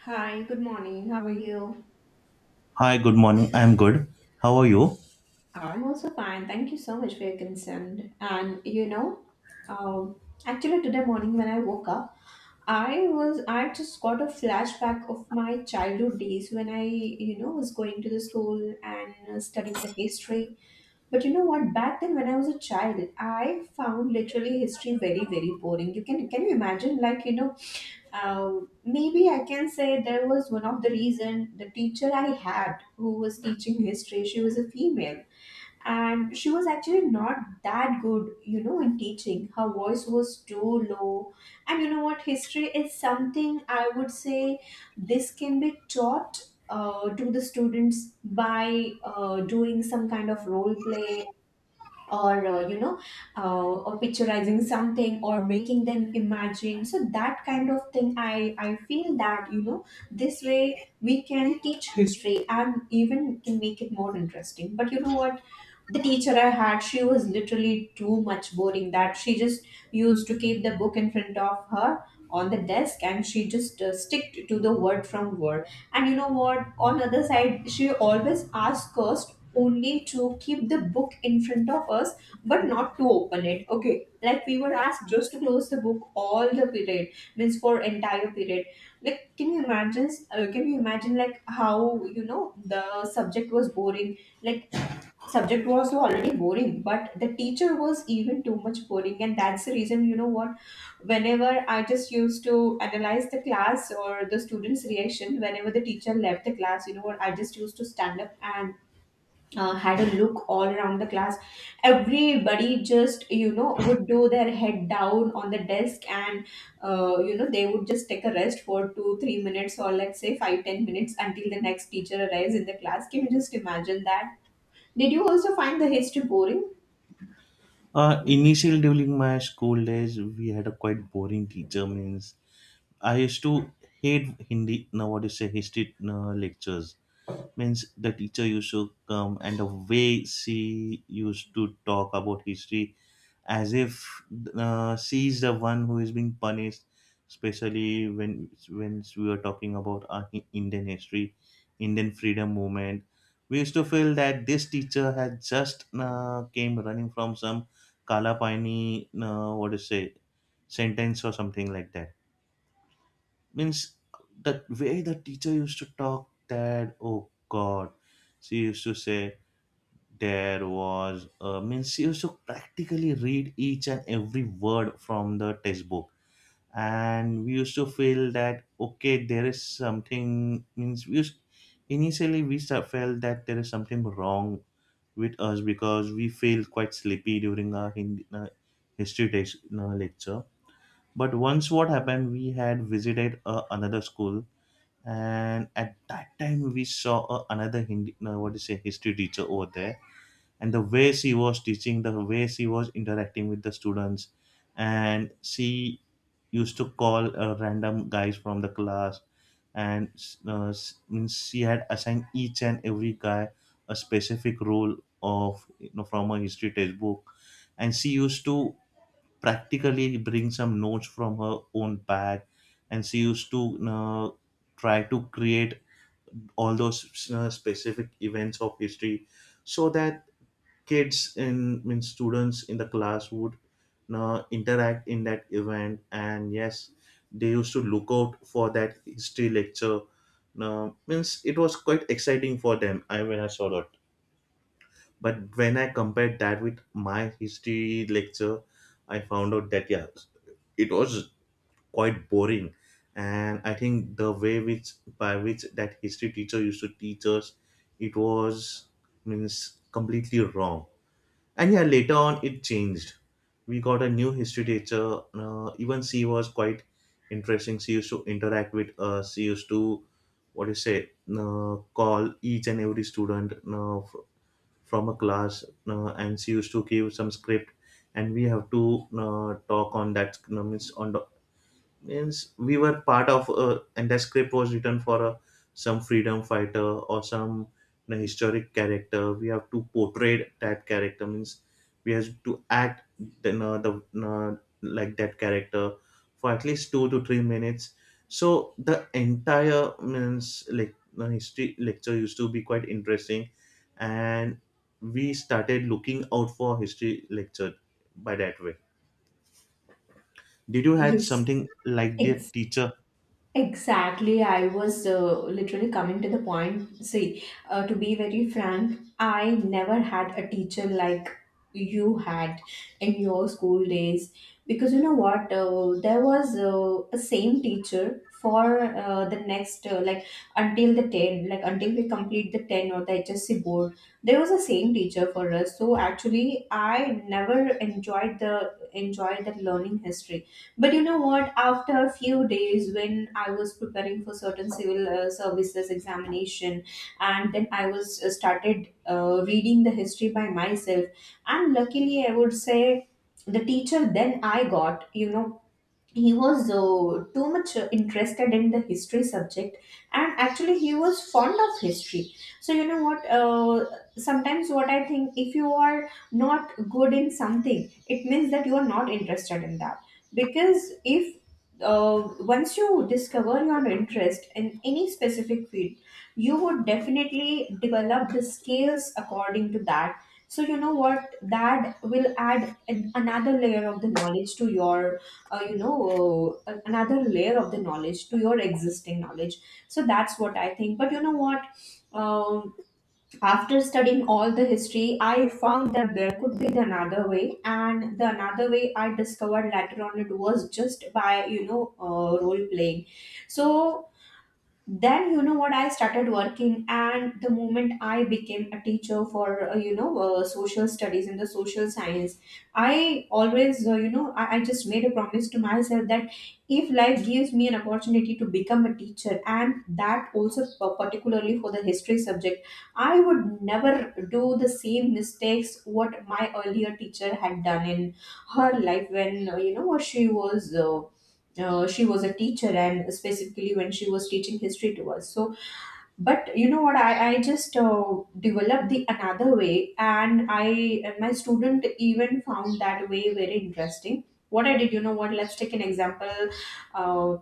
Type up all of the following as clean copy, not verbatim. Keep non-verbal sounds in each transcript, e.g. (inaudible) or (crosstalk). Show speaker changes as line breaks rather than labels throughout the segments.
Hi, good morning. How are you?
Hi, good morning. I'm good. How are you?
I'm also fine. Thank you so much for your concern. And um, actually today morning when I woke up, I just got a flashback of my childhood days when I, was going to the school and studying the history. But you know what? Back then when I was a child, I found literally history very, very boring. You can you imagine Uh, maybe I can say there was one of the reason the teacher I had who was teaching history, she was a female and she was actually not that good, in teaching. Her voice was too low. And you know what? History is something I would say this can be taught to the students by doing some kind of role play or or picturizing something or making them imagine, so that kind of thing I feel that, you know, this way we can teach history and even can make it more interesting. But you know what, the teacher I had, she was literally too much boring that she just used to keep the book in front of her on the desk, and she just stick to the word from word. And you know what, on other side she always asked us only to keep the book in front of us, but not to open it. Okay, like we were asked just to close the book all the period, means for entire period. Like can you imagine, can you imagine like how, you know, the subject was boring. Like, subject was already boring, but the teacher was even too much boring, and that's the reason. You know what, whenever I just used to analyze the class or the students reaction, whenever the teacher left the class, you know what, I just used to stand up and had a look all around the class. Everybody just, you know, would do their head down on the desk, and you know, they would just take a rest for two, 3 minutes, or let's say five, 10 minutes, until the next teacher arrives in the class. Can you just imagine that? Did you also find the history boring?
Initially, during my school days, we had a quite boring teacher. Means I used to hate Hindi. Now, what you say, history lectures. Means the teacher used to come and the way she used to talk about history as if she is the one who is being punished, especially when we were talking about our indian history, indian freedom movement. We used to feel that this teacher had just came running from some kalapani what to say sentence or something like that. Means the way the teacher used to talk that oh god, she used to say there was means you used to practically read each and every word from the textbook, and we used to feel that okay, there is something means we used, initially we start, felt that there is something wrong with us because we feel quite sleepy during our Hindi, history text, lecture. But once what happened, we had visited another school, and at that time we saw another Hindi, what do you say, history teacher over there, and the way she was teaching, the way she was interacting with the students. And she used to call random guys from the class, and means she had assigned each and every guy a specific role of, you know, from a history textbook. And she used to practically bring some notes from her own bag, and she used to uh, try to create all those specific events of history so that kids in means students in the class would now interact in that event. And yes, they used to look out for that history lecture. Now means it was quite exciting for them, I when I saw that. But when I compared that with my history lecture, I found out that yeah, it was quite boring. And I think the way which by which that history teacher used to teach us, it was means completely wrong. And yeah, later on it changed. We got a new history teacher, even she was quite interesting. She used to interact with us, she used to what do you say, call each and every student from a class, and she used to give some script, and we have to talk on that means on the, means we were part of a, and that script was written for a some freedom fighter or some, you know, historic character. We have to portray that character, means we have to act the like that character for at least 2 to 3 minutes. So the entire means like the history lecture used to be quite interesting, and we started looking out for history lecture by that way. Did you had
Yes,
something like their teacher?
exactly, I was literally coming to the point. See, to be very frank, I never had a teacher like you had in your school days, because you know what? There was a same teacher for like until the 10, like until we complete the 10 or the HSC board, there was a same teacher for us. So actually, I never enjoyed that learning history. But you know what? After a few days, when I was preparing for certain civil services examination, and then I was started reading the history by myself, and luckily, I would say the teacher then I got, you know, he was too much interested in the history subject, and actually he was fond of history. So you know what, sometimes what I think, if you are not good in something, it means that you are not interested in that. Because if once you discover your interest in any specific field, you would definitely develop the skills according to that. So you know what, that will add an, another layer of the knowledge to your another layer of the knowledge to your existing knowledge. So that's what I think. But you know what, um, after studying all the history, I found that there could be the another way, and the another way I discovered later on, it was just by, you know, role playing. So then, you know what, I started working, and the moment I became a teacher for social studies and the social science, I always, I just made a promise to myself that if life gives me an opportunity to become a teacher, and that also particularly for the history subject, I would never do the same mistakes what my earlier teacher had done in her life, when, she was a teacher, and specifically when she was teaching history to us. So but you know what, I just developed the another way, and I and my student even found that way very interesting. What I did, you know what, let's take an example uh,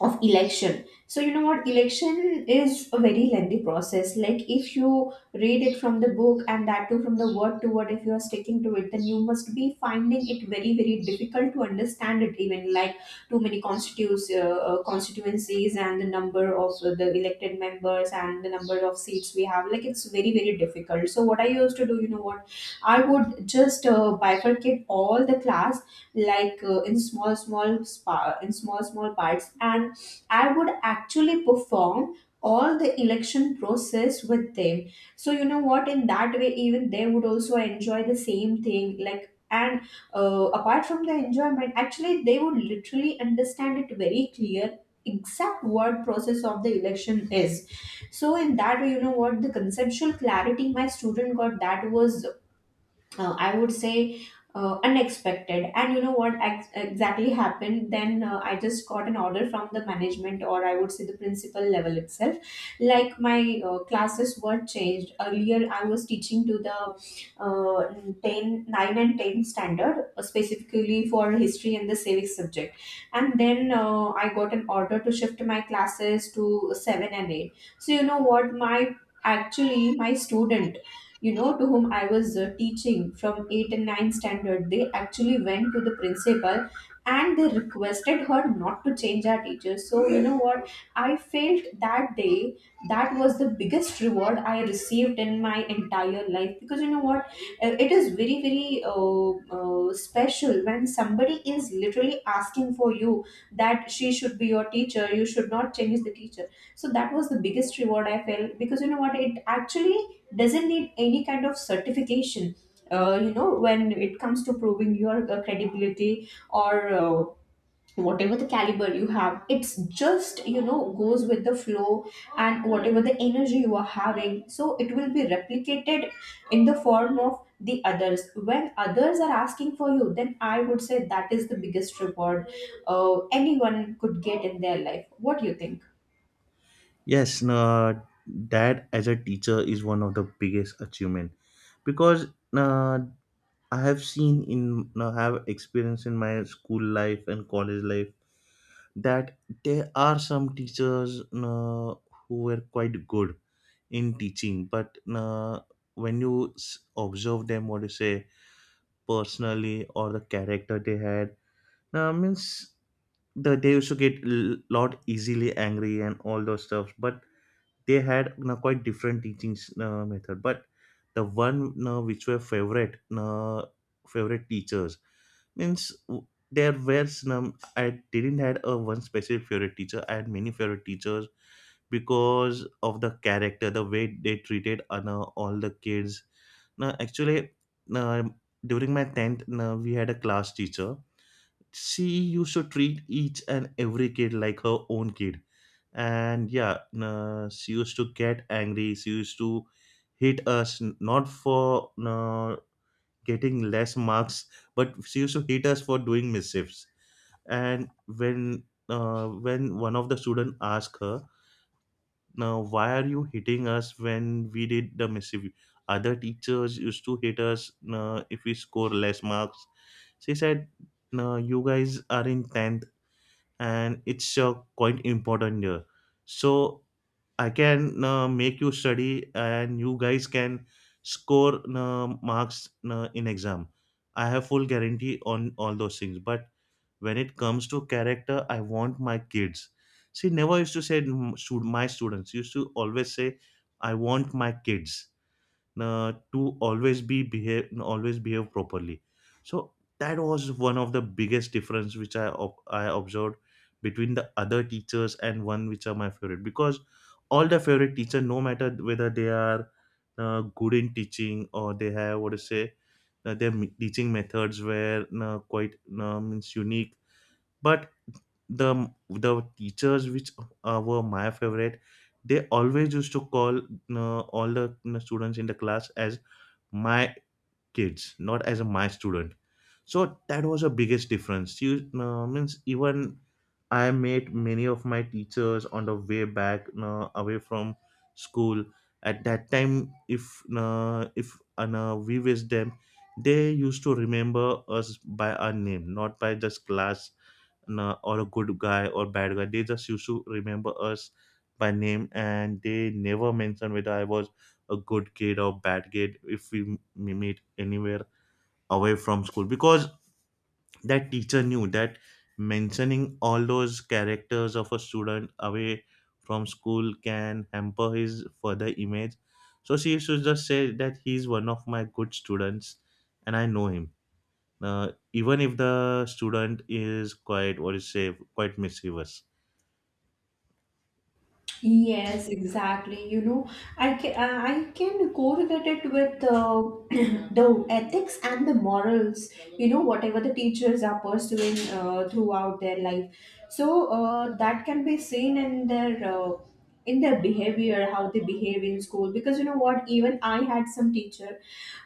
of election. So you know what, election is a very lengthy process. Like if you read it from the book, and that too from the word to word, if you are sticking to it, then you must be finding it very very difficult to understand it even. Like too many constitutes constituencies, and the number of the elected members, and the number of seats we have. Like it's very very difficult. So what I used to do, you know what, I would just bifurcate all the class, like in small small spa in small small parts, and I would actually perform all the election process with them. So you know what, in that way, even they would also enjoy the same thing, like. And apart from the enjoyment, actually they would literally understand it very clear, exact what process of the election is. So in that way, you know what, the conceptual clarity my student got, that was, I would say, unexpected. And you know what exactly happened? Then I just got an order from the management, or I would say the principal level itself. Like my classes were changed. Earlier, I was teaching to the uh, 10, nine and 10 standard, specifically for history and the civics subject. And then I got an order to shift my classes to 7 and 8. So, you know what? My Actually my student, you know, to whom I was teaching from 8 and 9 standard, they actually went to the principal and they requested her not to change our teacher. So you know what, I felt that day that was the biggest reward I received in my entire life. Because you know what, it is very very special when somebody is literally asking for you, that she should be your teacher, you should not change the teacher. So that was the biggest reward I felt, because you know what, it actually doesn't need any kind of certification when it comes to proving your credibility, or whatever the caliber you have. It's just, you know, goes with the flow, and whatever the energy you are having, so it will be replicated in the form of the others. When others are asking for you, then I would say that is the biggest reward anyone could get in their life. What do you think?
Yes, no, that as a teacher is one of the biggest achievement, because uh, I have seen in have experience in my school life and college life that there are some teachers who were quite good in teaching, but when you observe them, what you say personally or the character they had, means they used to get a lot easily angry and all those stuff, but they had, you know, quite different teachings method. But the one, you know, which were favorite you, favorite teachers, means there were some I didn't had a one specific favorite teacher. I had many favorite teachers because of the character, the way they treated no, all the kids. Now actually, no, during my 10th, no, we had a class teacher. She used to treat each and every kid like her own kid. And yeah, she used to get angry, she used to hit us not for getting less marks, but she used to hit us for doing mischiefs. And when one of the students asked her, now why are you hitting us when we did the mischief, other teachers used to hit us if we score less marks, she said no, you guys are in 10th and it's quite important here. So I can make you study and you guys can score marks in exam. I have full guarantee on all those things, but when it comes to character, I want my kids, see never used to say "Mm, my students used to always say I want my kids to always be behave always behave properly. So that was one of the biggest difference which I I observed between the other teachers and one which are my favorite, because all the favorite teacher, no matter whether they are good in teaching or they have what to say, their teaching methods were quite means unique. But the teachers which were my favorite, they always used to call all the students in the class as my kids, not as a my student. So that was the biggest difference. You means even I met many of my teachers on the way back away from school. At that time if no, we with them, they used to remember us by our name, not by just class, or a good guy or bad guy. They just used to remember us by name, and they never mentioned whether I was a good kid or bad kid if we meet anywhere away from school, because that teacher knew that mentioning all those characters of a student away from school can hamper his further image. So she used to just say that he's one of my good students and I know him, even if the student is quite what is say quite mischievous.
Yes, exactly. You know, I can correlate it with (clears throat) the ethics and the morals. You know, whatever the teachers are pursuing throughout their life, so that can be seen in their behavior, how they behave in school. Because you know what, even I had some teacher,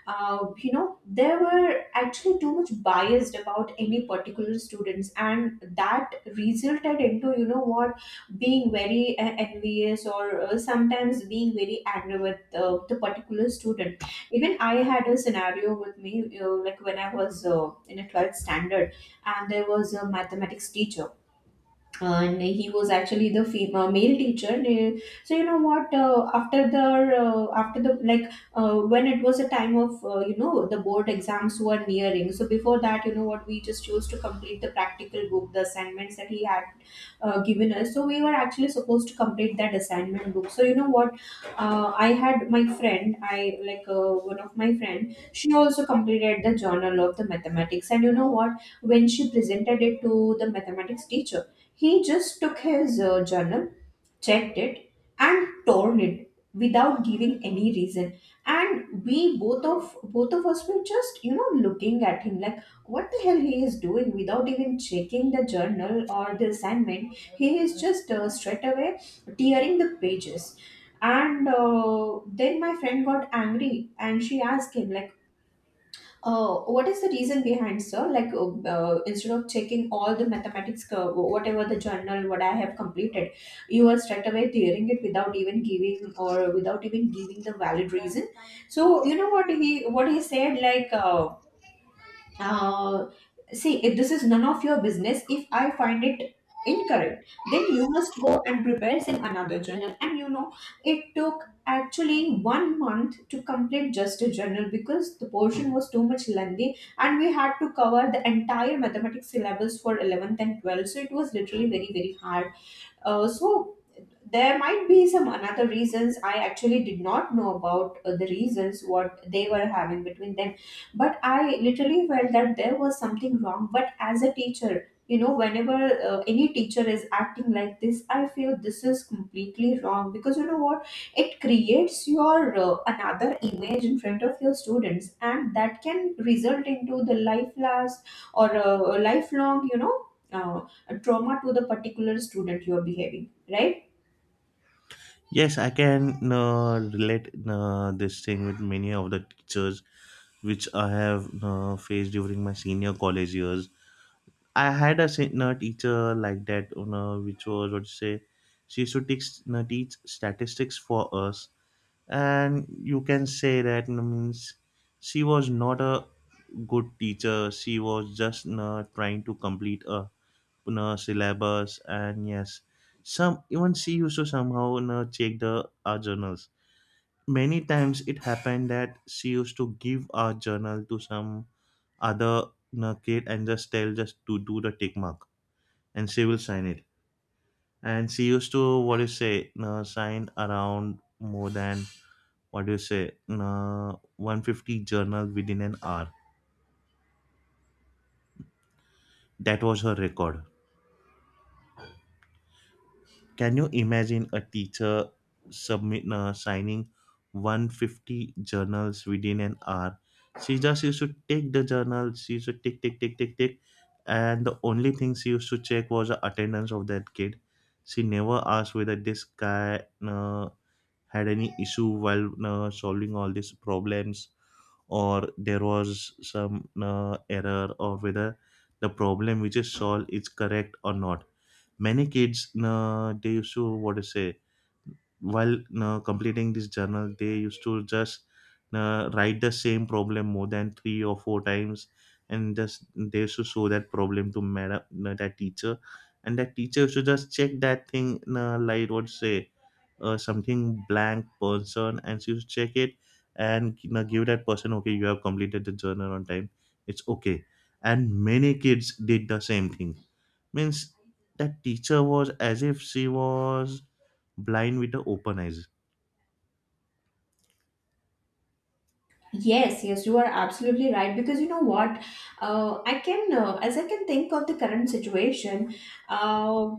there were actually too much biased about any particular students, and that resulted into, you know what, being very envious or sometimes being very angry with the particular student. Even I had a scenario with me, you know, like when I was in a 12th standard, and there was a mathematics teacher, and he was actually the female male teacher. So you know what, after the like when it was a time of, the board exams were nearing, so before that, you know what, we just used to complete the practical book, the assignments that he had given us. So we were actually supposed to complete that assignment book. So you know what, I had my friend, I like one of my friend, she also completed the journal of the mathematics. And you know what, when she presented it to the mathematics teacher, he just took his journal, checked it, and torn it without giving any reason. And we both of us were just, you know, looking at him, like what the hell he is doing without even checking the journal or the assignment. He is just straight away tearing the pages. And then my friend got angry and she asked him like, oh, what is the reason behind, sir? Like, instead of checking all the mathematics, whatever the journal, what I have completed, you are straight away tearing it without even giving the valid reason. You know what he said, like. Uh, see, if this is none of your business, if I find it incorrect, then you must go and prepare in another journal. And you know it took actually 1 month to complete just a journal because the portion was too much lengthy and we had to cover the entire mathematics syllabus for 11th and 12th, so it was literally very very hard. So there might be some another reasons. I actually did not know about the reasons what they were having between them, but I literally felt that there was something wrong. But as a teacher, you know, whenever any teacher is acting like this, I feel this is completely wrong, because you know what, it creates your another image in front of your students, and that can result into the life last or lifelong uh, trauma to the particular student you are behaving, right?
Yes, I can relate this thing with many of the teachers which I have faced during my senior college years. I had a senior teacher like that, you know, which was what to say, she used to teach, you know, teach statistics for us. And you can say that, you know, means she was not a good teacher, she was just, you know, trying to complete a, you know, syllabus. And yes, some even she used to somehow, you know, check the our journals. Many times it happened that she used to give our journal to some other, you know, kid and just tell just to do the tick mark and she will sign it. And she used to what do you say, you know, sign around more than what do you say, you know, 150 journal within an hour. That was her record. Can you imagine a teacher submit signing 150 journals within an hour? She just used to take the journal. She used to tick tick tick tick tick, and the only thing she used to check was the attendance of that kid. She never asked whether this guy had any issue while solving all these problems, or there was some error, or whether the problem which is solved is correct or not. Many kids they used to what to say, while completing this journal, they used to just write the same problem more than 3 or 4 times, and just they used to show that problem to madam that teacher, and that teacher used to just check that thing like what to say, something blank person and she used to check it, and, you know, give that person okay, you have completed the journal on time, it's okay. And many kids did the same thing, means that teacher was as if she was blind with the open eyes.
Yes, yes, you are absolutely right. Because you know what, I can, as I can think of the current situation, uh,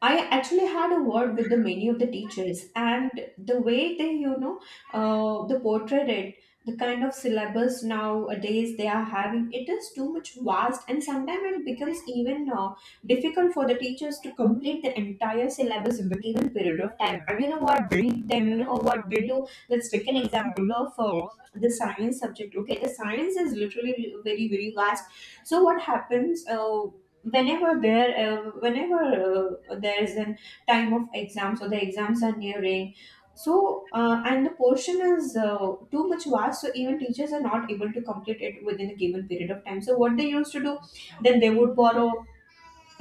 I actually had a word with the many of the teachers, and the way they, you know, the portrayed it, the kind of syllabus nowadays they are having, it is too much vast, and sometimes it becomes even difficult for the teachers to complete the entire syllabus in the given period of time. I mean, what did then, or what did do? Let's take an example of the science subject. Okay, the science is literally very, very vast. So what happens? Whenever there is an time of exams or the exams are nearing. So and the portion is too much vast, so even teachers are not able to complete it within a given period of time. So what they used to do then, they would borrow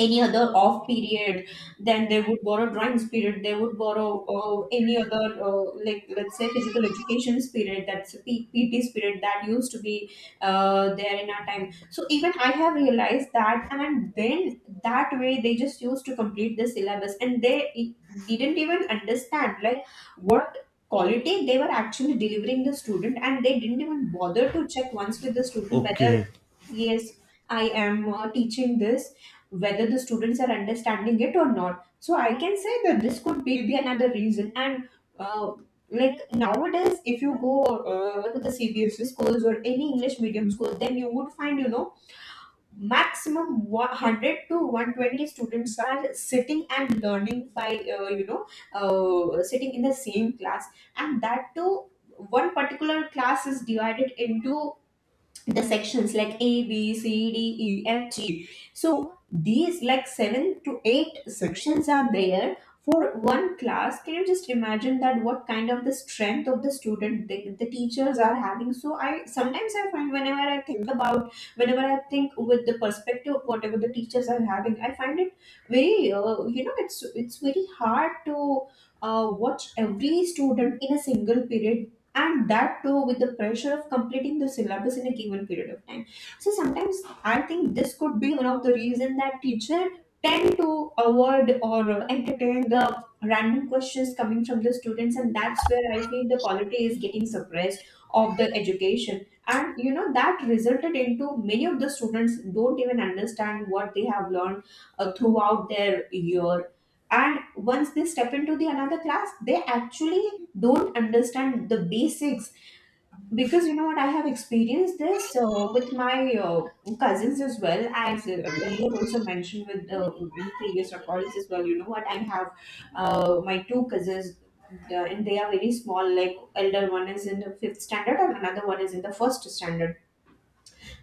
any other off period, then they would borrow drawings period, they would borrow any other like let's say physical education period, that's a pt period that used to be there in our time. So even I have realized that. And then that way they just used to complete the syllabus, and they i- didn't even understand like what quality they were actually delivering the student, and they didn't even bother to check once with the student whether
Okay.
yes I am teaching this, whether the students are understanding it or not. So I can say that this could be the another reason. And uh, like nowadays if you go to the CBSE schools or any english medium school, then you would find, you know, maximum 100 to 120 students are sitting and learning by uh, you know sitting in the same class. And that too, one particular class is divided into the sections like A, B, C, D, E, F, G. So these like seven to eight sections are there for one class. Can you just imagine that what kind of the strength of the student the teachers are having? So I sometimes I find whenever I think about, whenever I think with the perspective of whatever the teachers are having, I find it very you know, it's very hard to watch every student in a single period, and that too with the pressure of completing the syllabus in a given period of time. So sometimes I think this could be one of the reason that teacher tend to avoid or entertain the random questions coming from the students, and that's where I feel the quality is getting suppressed of the education. And you know that resulted into many of the students don't even understand what they have learned throughout their year. And once they step into the another class, they actually don't understand the basics, because you know what, I have experienced this with my cousins, as well as earlier also mentioned with in previous recordings as well. You know what I have, my two cousins, and they are very small, like elder one is in the fifth standard and another one is in the first standard,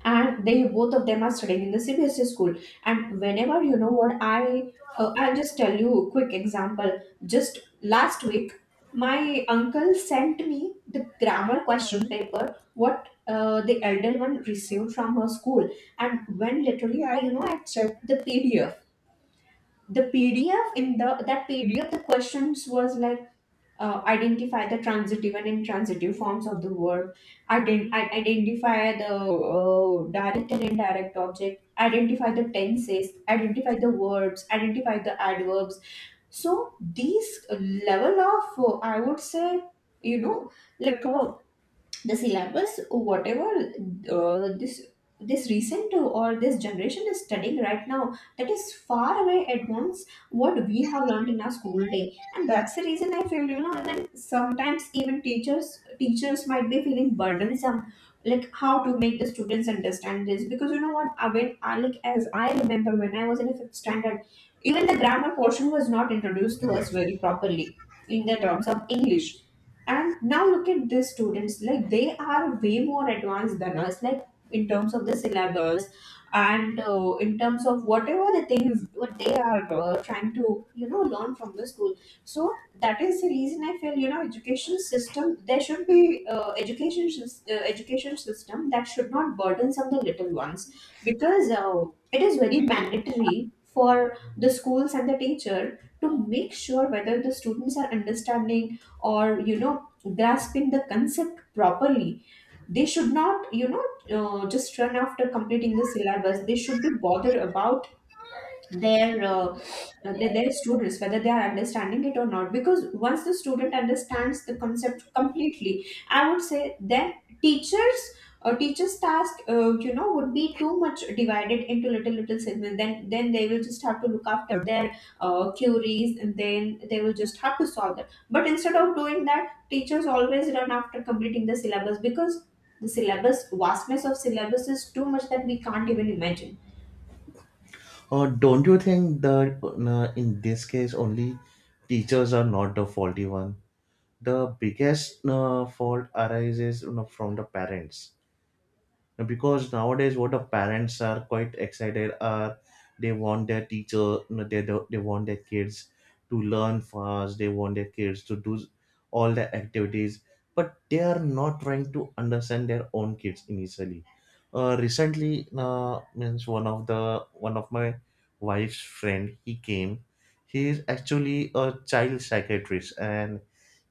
and they both of them are studying in the CBSE school. And whenever you know what I'll just tell you a quick example. Just last week, my uncle sent me the grammar question paper, what the elder one received from her school. And when literally I, you know, I checked the PDF, the PDF, in the that PDF the questions was like identify the transitive and intransitive forms of the word, identify the direct and indirect object, identify the tenses, identify the verbs, identify the adverbs. So these level of I would say, you know, like the syllabus, whatever uh, this this recent or this generation is studying right now, that is far away advanced what we have learned in our school day. And that's the reason I feel, you know, then sometimes even teachers might be feeling burdensome, like how to make the students understand this. Because you know what, I when I like as I remember, when I was in a fifth standard, even the grammar portion was not introduced to us very properly in the terms of english. And now look at these students, like they are way more advanced than us, like in terms of the syllabus, and in terms of whatever the things what they are trying to, you know, learn from the school. So that is the reason I feel, you know, education system, there should be education system that should not burden burdensome the little ones. Because it is very mandatory for the schools and the teacher to make sure whether the students are understanding, or you know, grasping the concept properly. They should not, you know, just run after completing the syllabus. They should be bothered about their their students, whether they are understanding it or not. Because once the student understands the concept completely, I would say, then teachers or teachers task would be too much divided into little little segments. Then they will just have to look after their queries, and then they will just have to solve that. But instead of doing that, teachers always run after completing the syllabus, because the syllabus, vastness of syllabus is too much that we can't even imagine.
Don't you think that in this case only teachers are not the faulty one? The biggest fault arises, you know, from the parents. Because nowadays what the parents are quite excited are, they want their teacher they want their kids to learn fast, they want their kids to do all the activities, but they are not trying to understand their own kids initially. Recently means one of my wife's friend he came. He is actually a child psychiatrist, and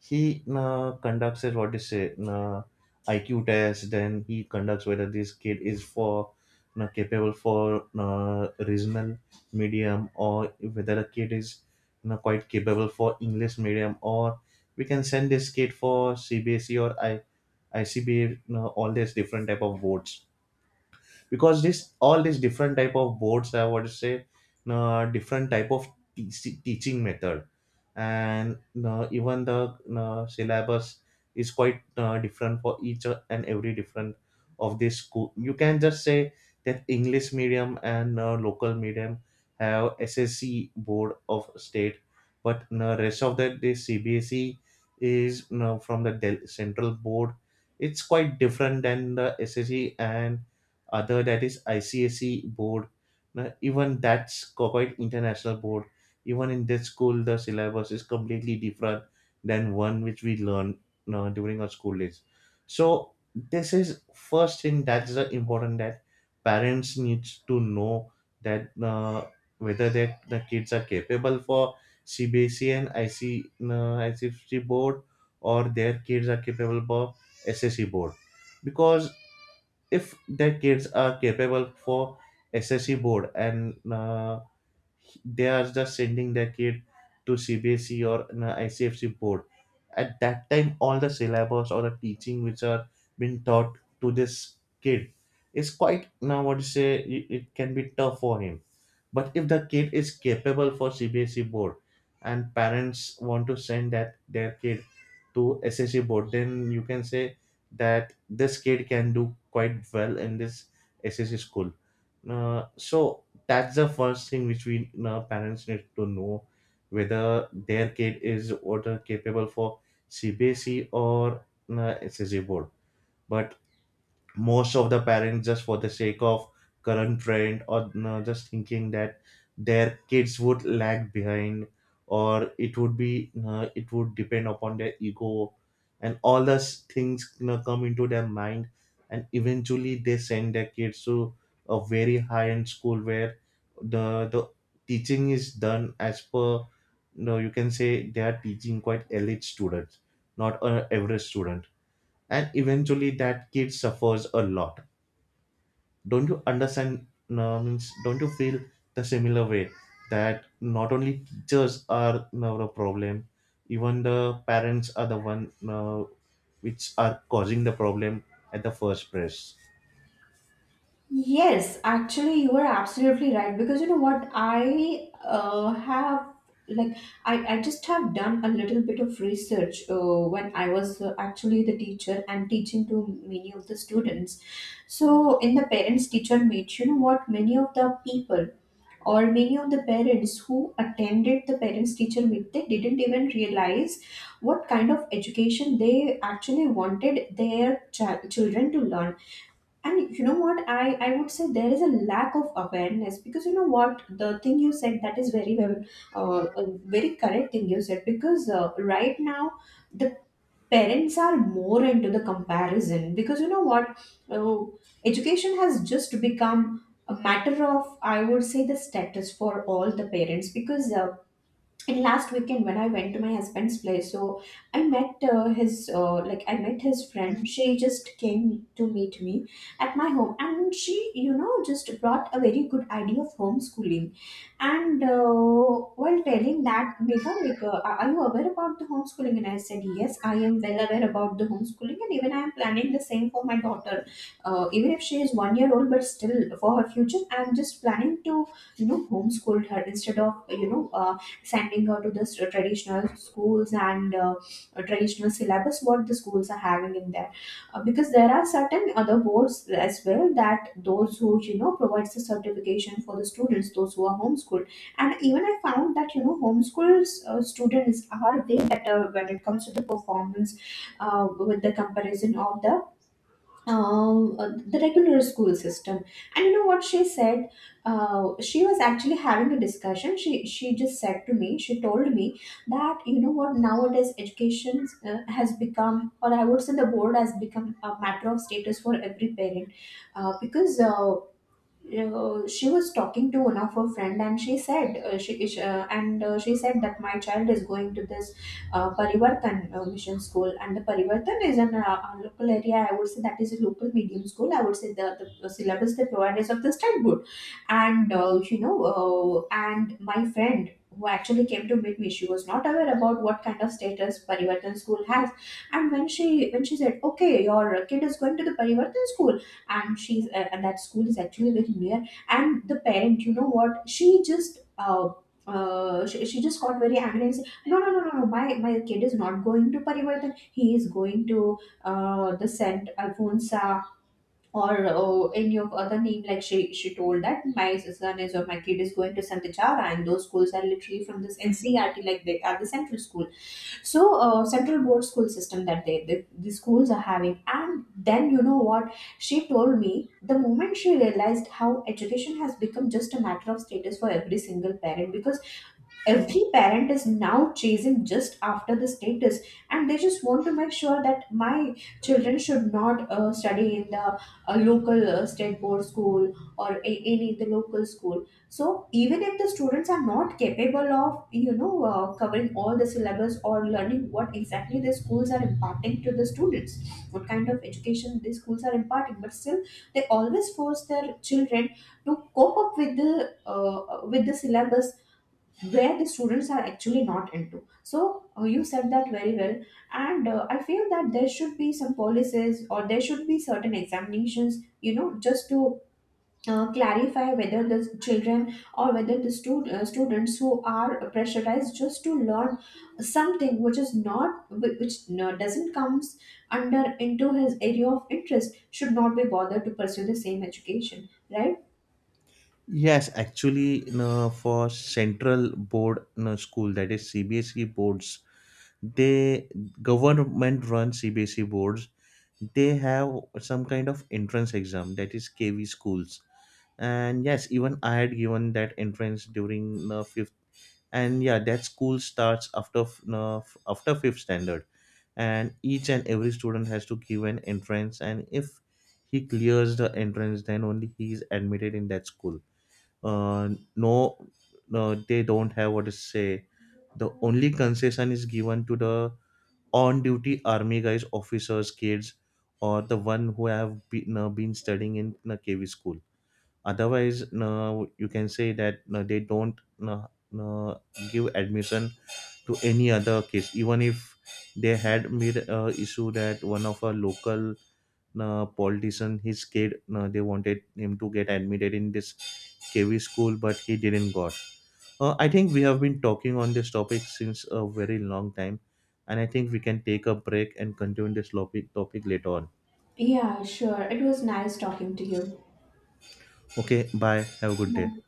he conducts what is it, IQ test. Then he conducts whether this kid is for, you know, capable for regional medium, or whether a kid is, you know, quite capable for English medium, or we can send this kid for CBSE or I ICB. All these different type of boards because this all these different type of boards have what to say, different type of teaching method, and even the syllabus is quite different for each and every different of this school. You can just say that english medium and local medium have SSC board of state, but the rest of the this CBSE is, from the central board. It's quite different than the SSC and other, that is ICSE board. Now, even that's quite international board. Even in this school, the syllabus is completely different than one which we learn during our school days. So this is first thing that's the important, that parents needs to know that whether that the kids are capable for CBSE and IC uh, ICFC board, or their kids are capable for SSE board. Because if their kids are capable for SSC board and they are just sending their kid to CBSE or an ICFC board, at that time, all the syllabus or the teaching which are being taught to this kid is quite, now what you say, it can be tough for him. But if the kid is capable for CBSE board and parents want to send that their kid to SSE board, then you can say that this kid can do quite well in this SSE school. So that's the first thing which we, parents need to know, whether their kid is what, capable for CBSE or SSE board. But most of the parents, just for the sake of current trend or, just thinking that their kids would lag behind, or it would depend upon their ego, and all those things, come into their mind, and eventually they send their kids to a very high end school where the teaching is done as per, you can say they are teaching quite elite students, not an average student, and eventually that kid suffers a lot. Don't you understand, no, means don't you feel the similar way, that not only teachers are now a problem, even the parents are the one which are causing the problem at the first place?
Yes, actually, you are absolutely right, because you know what, I have, like I just have done a little bit of research when I was actually the teacher and teaching to many of the students. So in the parents teacher meet, you know what, many of the people or many of the parents who attended the parents teacher meet, they didn't even realize what kind of education they actually wanted their children to learn. And you know what, I would say there is a lack of awareness, because you know what, the thing you said, that is very well a very correct thing you said. Because right now the parents are more into the comparison, because you know what, uh, education has just become a matter of, I would say, the status for all the parents. Because and last weekend when I went to my husband's place, so I met his like I met his friend, she just came to meet me at my home. And she, you know, just brought a very good idea of homeschooling. And while telling that mega, like are you aware about the homeschooling? And I said yes, I am well aware about the homeschooling, and even I am planning the same for my daughter. Even if she is 1 year old, but still, for her future, I'm just planning to, you know, homeschool her instead of, you know, sending her to the traditional schools and traditional syllabus what the schools are having in there. Because there are certain other boards as well that those who, you know, provides the certification for the students, those who are homeschooled. And even I found that, you know, homeschool students are way better when it comes to the performance with the comparison of the regular school system. And you know what she said? She was actually having a discussion. She just said to me, she told me that, you know what, nowadays education has become, or I would say the board has become, a matter of status for every parent. Because she was talking to one of her friend, and she said she- and she said that my child is going to this Parivartan mission school. And the Parivartan is an a local area, I would say that is a local medium school. I would say the, the syllabus they provide is of the standard. And and my friend, who actually came to meet me, she was not aware about what kind of status Parivartan school has. And when she said okay, your kid is going to the Parivartan school, and she's and that school is actually very near. And the parent, you know what, she just she just got very angry and said, no, no, no, no, no, my kid is not going to Parivartan. He is going to the Saint Alfonsa or any of other name. Like she told that my son is or my kid is going to Sant, and those schools are literally from this NCRT, like they are the central school. So central board school system that they, the schools are having. And then you know what, she told me the moment she realized how education has become just a matter of status for every single parent. Because every parent is now chasing just after the status, and they just want to make sure that my children should not study in the local state board school, or any the local school. So even if the students are not capable of, you know, covering all the syllabus or learning what exactly the schools are imparting to the students, what kind of education the schools are imparting, but still they always force their children to cope up uh, with the syllabus where the students are actually not into. So you said that very well. And I feel that there should be some policies, or there should be certain examinations, you know, just to clarify whether the children, or whether the students who are pressurized just to learn something which is not which doesn't comes under into his area of interest, should not be bothered to pursue the same education, right?
Yes, actually, for central board, school, that is CBSE boards, they government run CBSE boards. They have some kind of entrance exam, that is KV schools, and yes, even I had given that entrance during the fifth, and yeah, that school starts after f- you f- after fifth standard, and each and every student has to give an entrance, and if he clears the entrance, then only he is admitted in that school. uh, no, no, they don't have what to say. The only concession is given to the on-duty army guys, officers, kids, or the one who have been studying in KV school. Otherwise, no, you can say that no, they don't, no, no, give admission to any other case. Even if they had made a issue that one of our local politician, his kid, they wanted him to get admitted in this KV school, but he didn't got. I think we have been talking on this topic since a very long time, and I think we can take a break and continue this topic later on.
Yeah, sure, it was nice talking to you.
Okay, bye. Have a good day.
Bye.